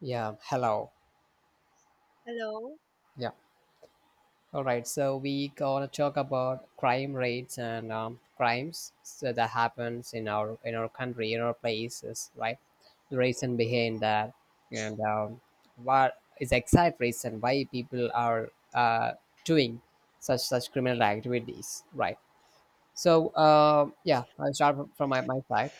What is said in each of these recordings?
Yeah, hello. Hello. Yeah. All right. So we gonna talk about crime rates and crimes so that happens in our country, in our places, right? The reason behind that, and what is the exact reason why people are uh, doing such criminal activities, right? So yeah, I'll start from my side.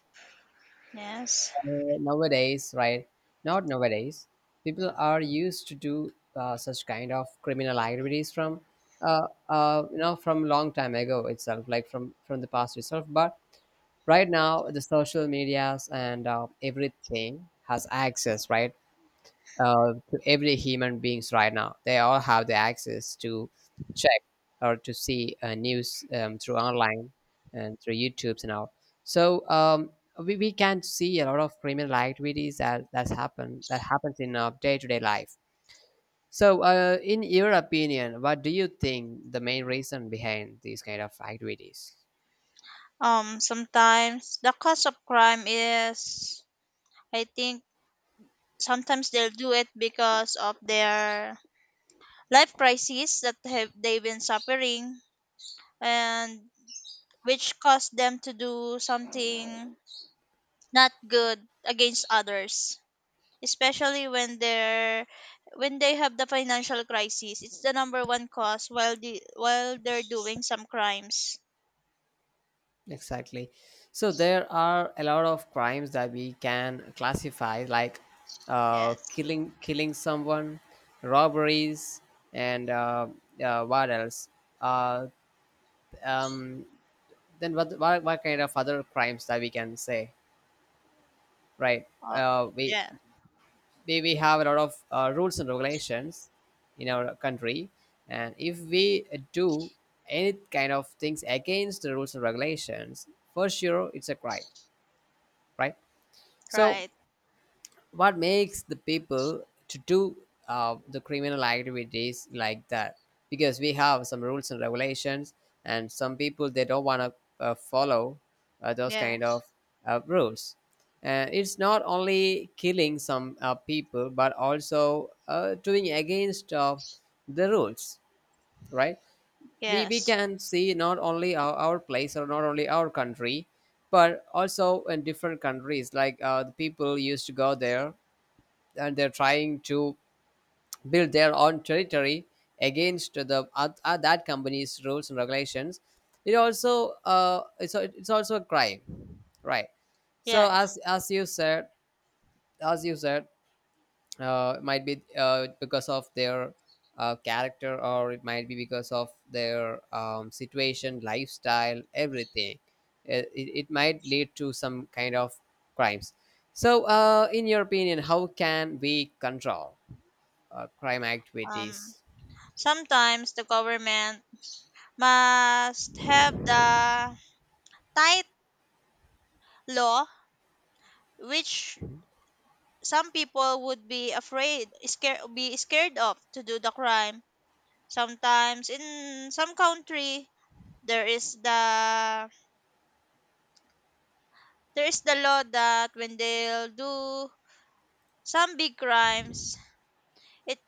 Yes. Nowadays, right? Not nowadays. People are used to do such kind of criminal activities from, from long time ago itself, like from the past itself. But right now, the social medias and everything has access, right? To every human beings right now. They all have the access to check or to see news through online and through YouTube's and all. So we can see a lot of criminal activities that that's happened that happens in our day to day life. So, in your opinion, what do you think the main reason behind these kind of activities? Sometimes the cause of crime is, I think, sometimes they'll do it because of their life crises that have they've been suffering, and which caused them to do something not good against others. Especially when they have the financial crisis, it's the number one cause while they're doing some crimes. Exactly. So there are a lot of crimes that we can classify, like Yes. killing someone, robberies, and what else? Uh, um, then what kind of other crimes that we can say, right? Oh, Uh, we, yeah. we have a lot of rules and regulations in our country, and if we do any kind of things against the rules and regulations, for sure it's a crime, right? So, Right. what makes the people to do the criminal activities like that? Because we have some rules and regulations, and some people they don't want to follow those Yeah. kind of rules. It's not only killing some people, but also doing against the rules, right? We Yes. can see not only our place or not only our country, but also in different countries, like the people used to go there and they're trying to build their own territory against the that company's rules and regulations. It also it's also a crime, right? So Yeah. as you said, as you said, it might be because of their character, or it might be because of their situation, lifestyle, everything. It might lead to some kind of crimes. So in your opinion, how can we control crime Um activities? Sometimes the government must have the tight law which some people would be afraid scared be scared of to do the crime. Sometimes in some country there is the there is the law that when they'll do some big crimes it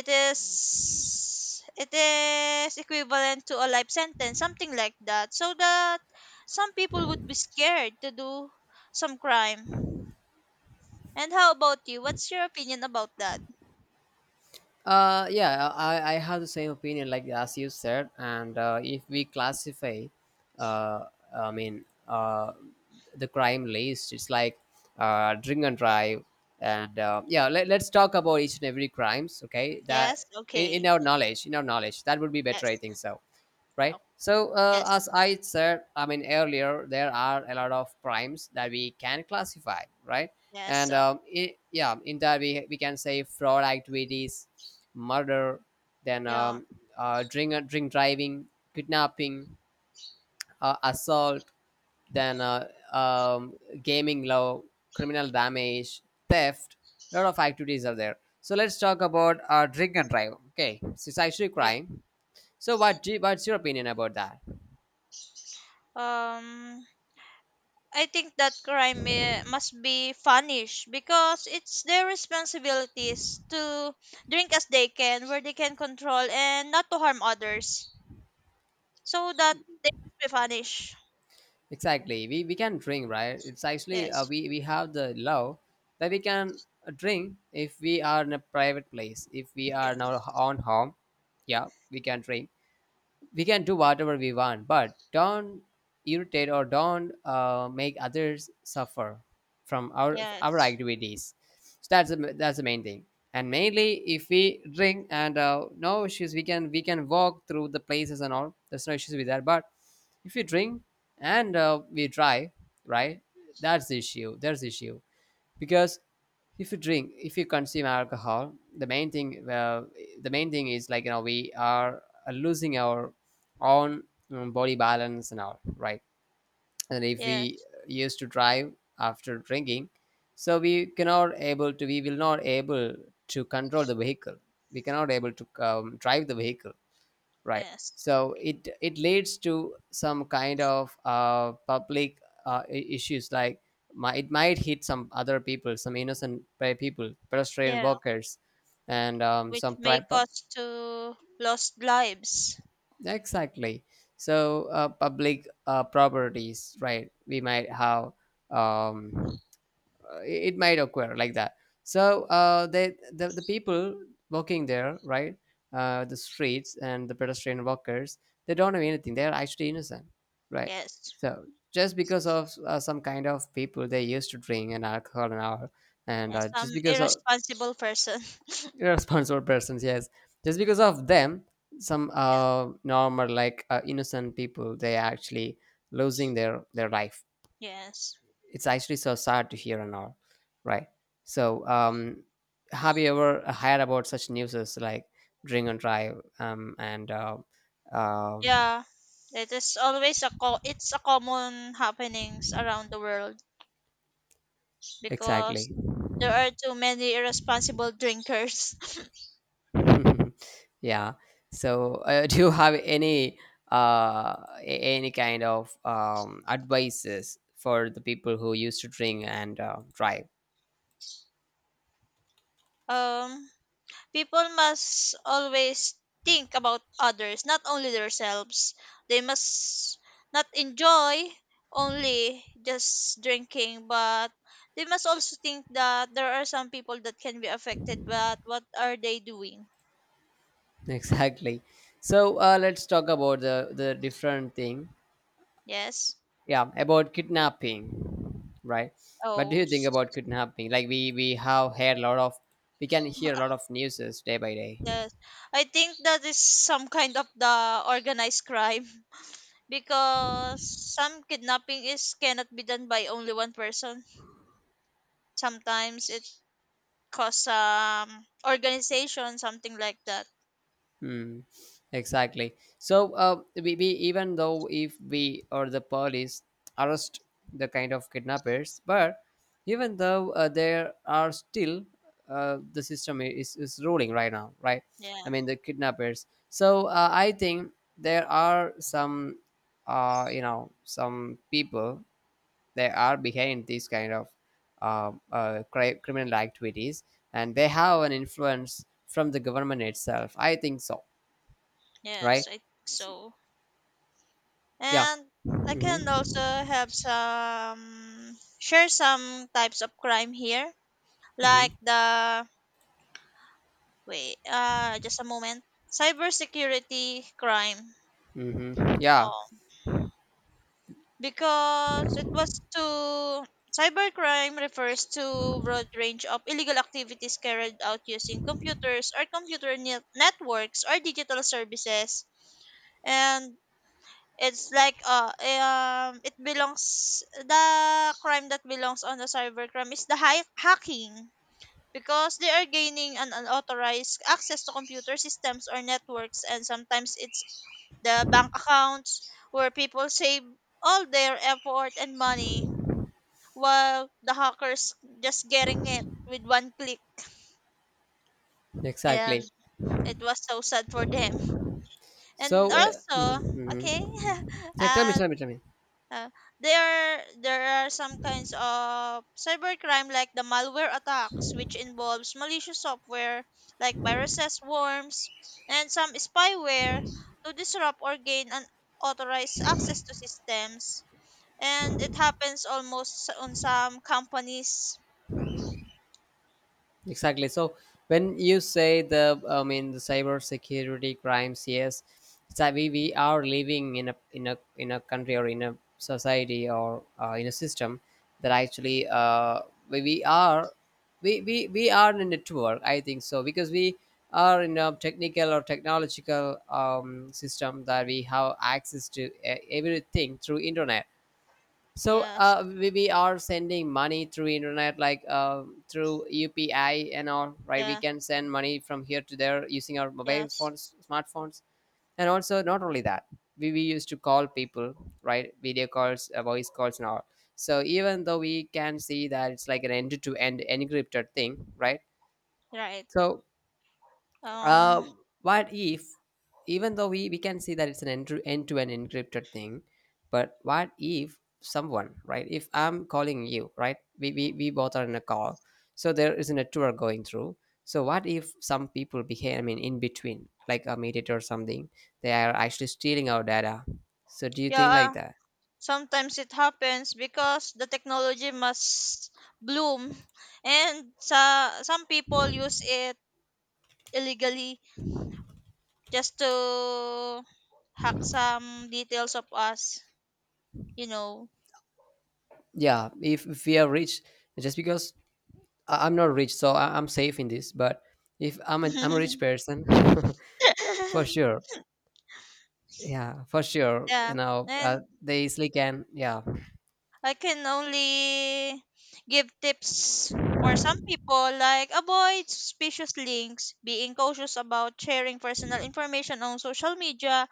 it is equivalent to a life sentence, something like that, so that some people would be scared to do some crime. And how about you, what's your opinion about that? Yeah, I have the same opinion, like as you said. And if we classify, uh, I mean, uh, the crime list, it's like drink and drive, and yeah, let's talk about each and every crimes. Okay, that Yes, in okay. our knowledge, in our knowledge, that would be better, I Yes. think so, Yeah. right? So Yes. as I said, I mean earlier, there are a lot of primes that we can classify, right? Yes, And so. I yeah in that, we can say fraud activities, murder, then Yeah, drink driving, kidnapping, assault, then gaming law, criminal damage, theft. A lot of activities are there. So let's talk about drink and drive. Okay, so it's actually okay. crime. So what? What's your opinion about that? um I think that crime must be punished because it's their responsibilities to drink as they can where they can control and not to harm others, so that they must be vanished. Exactly. We can drink, right? It's actually Yes, we have the law that we can drink if we are in a private place, if we are in our yes, own home. Yeah, we can drink. We can do whatever we want, but don't irritate or don't make others suffer from our yes, activities. So that's that's the main thing. And mainly, if we drink and no issues, we can walk through the places and all. There's no issues with that. But if we drink and we drive, right? That's the issue. There's the issue because if you drink, if you consume alcohol, the main thing, well, the main thing is like, you know, we are losing our own body balance and all, right? And if we yes, used to drive after drinking, so we will not able to control the vehicle. We cannot able to Drive the vehicle, right? yes. So it leads to some kind of public issues, like it might hit some other people, some innocent people, pedestrian Yeah, workers, and which may cause to lost lives. exactly. So public properties, right? We might have um, it might occur like that. So the people walking there, right? The streets and the pedestrian walkers, they don't know anything, they're actually innocent, right? Yes, So just because of some kind of people, they used to drink and alcohol and all. And yes, some just because of irresponsible person. irresponsible persons, yes. Just because of them, some Yeah, normal, like innocent people, they are actually losing their life. yes, It's actually so sad to hear and all, right? So have you ever heard about such news as like drink and drive, and um yeah. It is always it's a common happenings around the world because exactly. there are too many irresponsible drinkers. Yeah. So do you have any any kind of advices for the people who used to drink and drive? um, People must always think about others, not only themselves. They must not enjoy only just drinking, but they must also think that there are some people that can be affected, but what are they doing? Exactly. So let's talk about the different thing. Yes. Yeah, about kidnapping, right? What do Oh, you think about kidnapping? Like we have heard a lot of, we can hear a lot of newses day by day. yes. I think that is some kind of the organized crime. Because some kidnapping is cannot be done by only one person. Sometimes it cause organization, something like that. Hmm. Exactly. So we, even though, if we or the police arrest the kind of kidnappers, but even though there are still the system is ruling right now, right? Yeah, I mean the kidnappers. So I think there are some, some people, they are behind these kind of criminal activities, and they have an influence from the government itself, I think so, yes, right? I think so. Yeah. And I can also have some share some types of crime here, like Hmm. the, wait, just a moment, cybersecurity crime. Hmm. Yeah, Oh, because it was to, cybercrime refers to broad range of illegal activities carried out using computers or networks or digital services. And it's like it belongs, the crime that belongs on the cybercrime is the hacking, because they are gaining an unauthorized access to computer systems or networks, and sometimes it's the bank accounts where people save all their effort and money while the hackers just getting it with one click. And exactly. it was so sad for them. And So mhm, also, okay. mhm. Yeah, tell me, uh tell me, tell me. Uh, there are some kinds of cybercrime like the malware attacks, which involves malicious software like viruses, worms, and some spyware to disrupt or gain unauthorized access to systems. And it happens almost on some companies. Exactly. So when you say the, I mean, the cybersecurity crimes, yes, it's that we are living in a country, or in a society, or in a system that actually we, we are we are in a network. I think so because we are in a technical or technological system, that we have access to everything through internet. So Yes. We are sending money through internet, like through UPI and all, right? We Yeah. can send money from here to there using our mobile Yes. phones, smartphones, and also not only that, we used to call people, right? Video calls, voice calls, and all. So even though we can see that it's like an end-to-end encrypted thing, right? Right. So Um. uh, what if, even though we can see that it's an end- to end encrypted thing, but what if someone, right, if I'm calling you, right, we both are in a call, so there isn't a tour going through. So what if some people behave, I mean, in between, like a mediator or something, they are actually stealing our data. So do you think like Yeah. that? Sometimes it happens because the technology must bloom, and sa some people use it illegally just to hack some details of us, you know. Yeah, if we are rich, just because I- I'm not rich, so I- I'm safe in this. But if I'm a rich person, for sure, yeah, for sure, Yeah. you know, And they easily can, yeah. I can only give tips for some people, like avoid suspicious links, being cautious about sharing personal information on social media,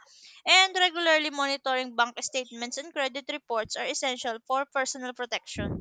and regularly monitoring bank statements and credit reports are essential for personal protection.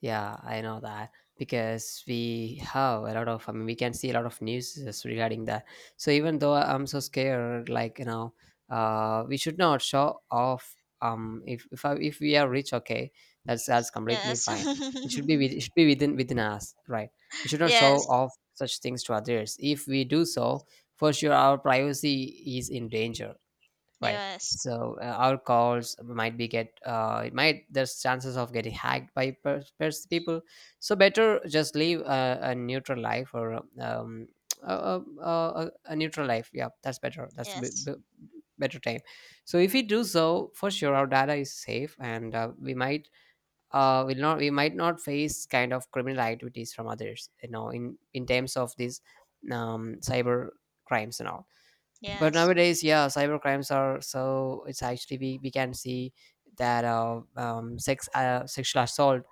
Yeah, I know that, because we have a lot of, I mean, we can see a lot of news is regarding that. So even though I'm so scared, like, you know, we should not show off. If if we are rich, okay, that's completely Yes. fine. It should be it should be within us, right? We should not show Yes. off such things to others. If we do so, for sure our privacy is in danger, right? Yes. So our calls might be get it might, there's chances of getting hacked by people. So better just leave a neutral life, or a neutral life, yeah, that's better. That's a Yes. Better time. So if we do so, for sure our data is safe, and we might not face kind of criminal activities from others, you know, in terms of these cyber crimes and all. But Yes. nowadays, yeah, cyber crimes are so, it's actually we can see that sexual assault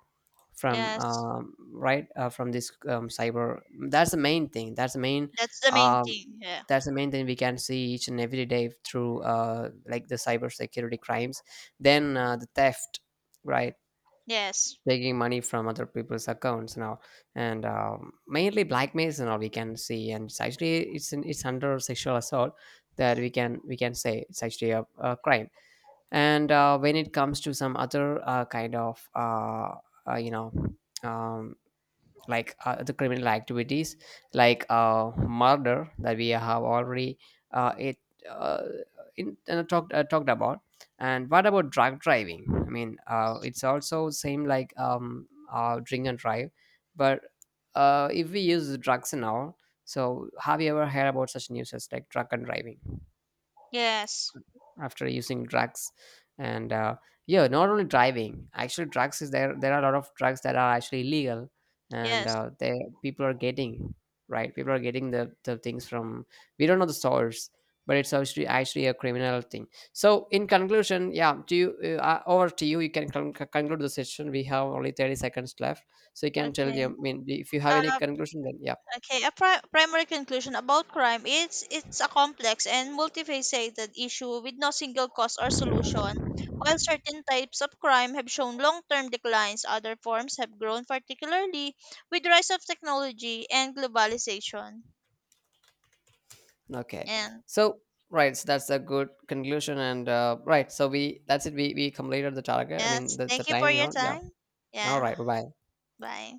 from Yes. From this cyber. That's the main thing. That's the main That's the main um, thing. Yeah. that's the main thing we can see each and every day through like the cyber security crimes. Then the theft, right? Yes. Taking money from other people's accounts now, and mainly blackmails and all we can see. And it's actually it's under sexual assault, that we can say, it's actually a crime. And when it comes to some other kind of uh, you know um, like the criminal activities like murder, that we have already it uh, in, talked talked about. And what about drug driving? I mean it's also same like drink and drive, but if we use drugs and all. So have you ever heard about such news as like drug and driving, Yes. after using drugs? And yeah, not only driving, actually drugs is there, there are a lot of drugs that are actually illegal, and Yes. They people are getting, right, people are getting the things from, we don't know the source, but it's actually a criminal thing. So in conclusion, yeah, do you over to you, you can conclude the session. We have only 30 seconds left, so you can tell Okay. you, I mean, if you have any Uh, conclusion, then yeah. Okay, a primary conclusion about crime is it's a complex and multifaceted issue with no single cause or solution. While certain types of crime have shown long-term declines, other forms have grown particularly with rise of technology and globalization. Okay. And So right, so that's a good conclusion. And right, so we that's it. We completed the target. I mean yes, the thank you for time. You your know. Yeah. time. All Yeah, right. Bye bye. bye.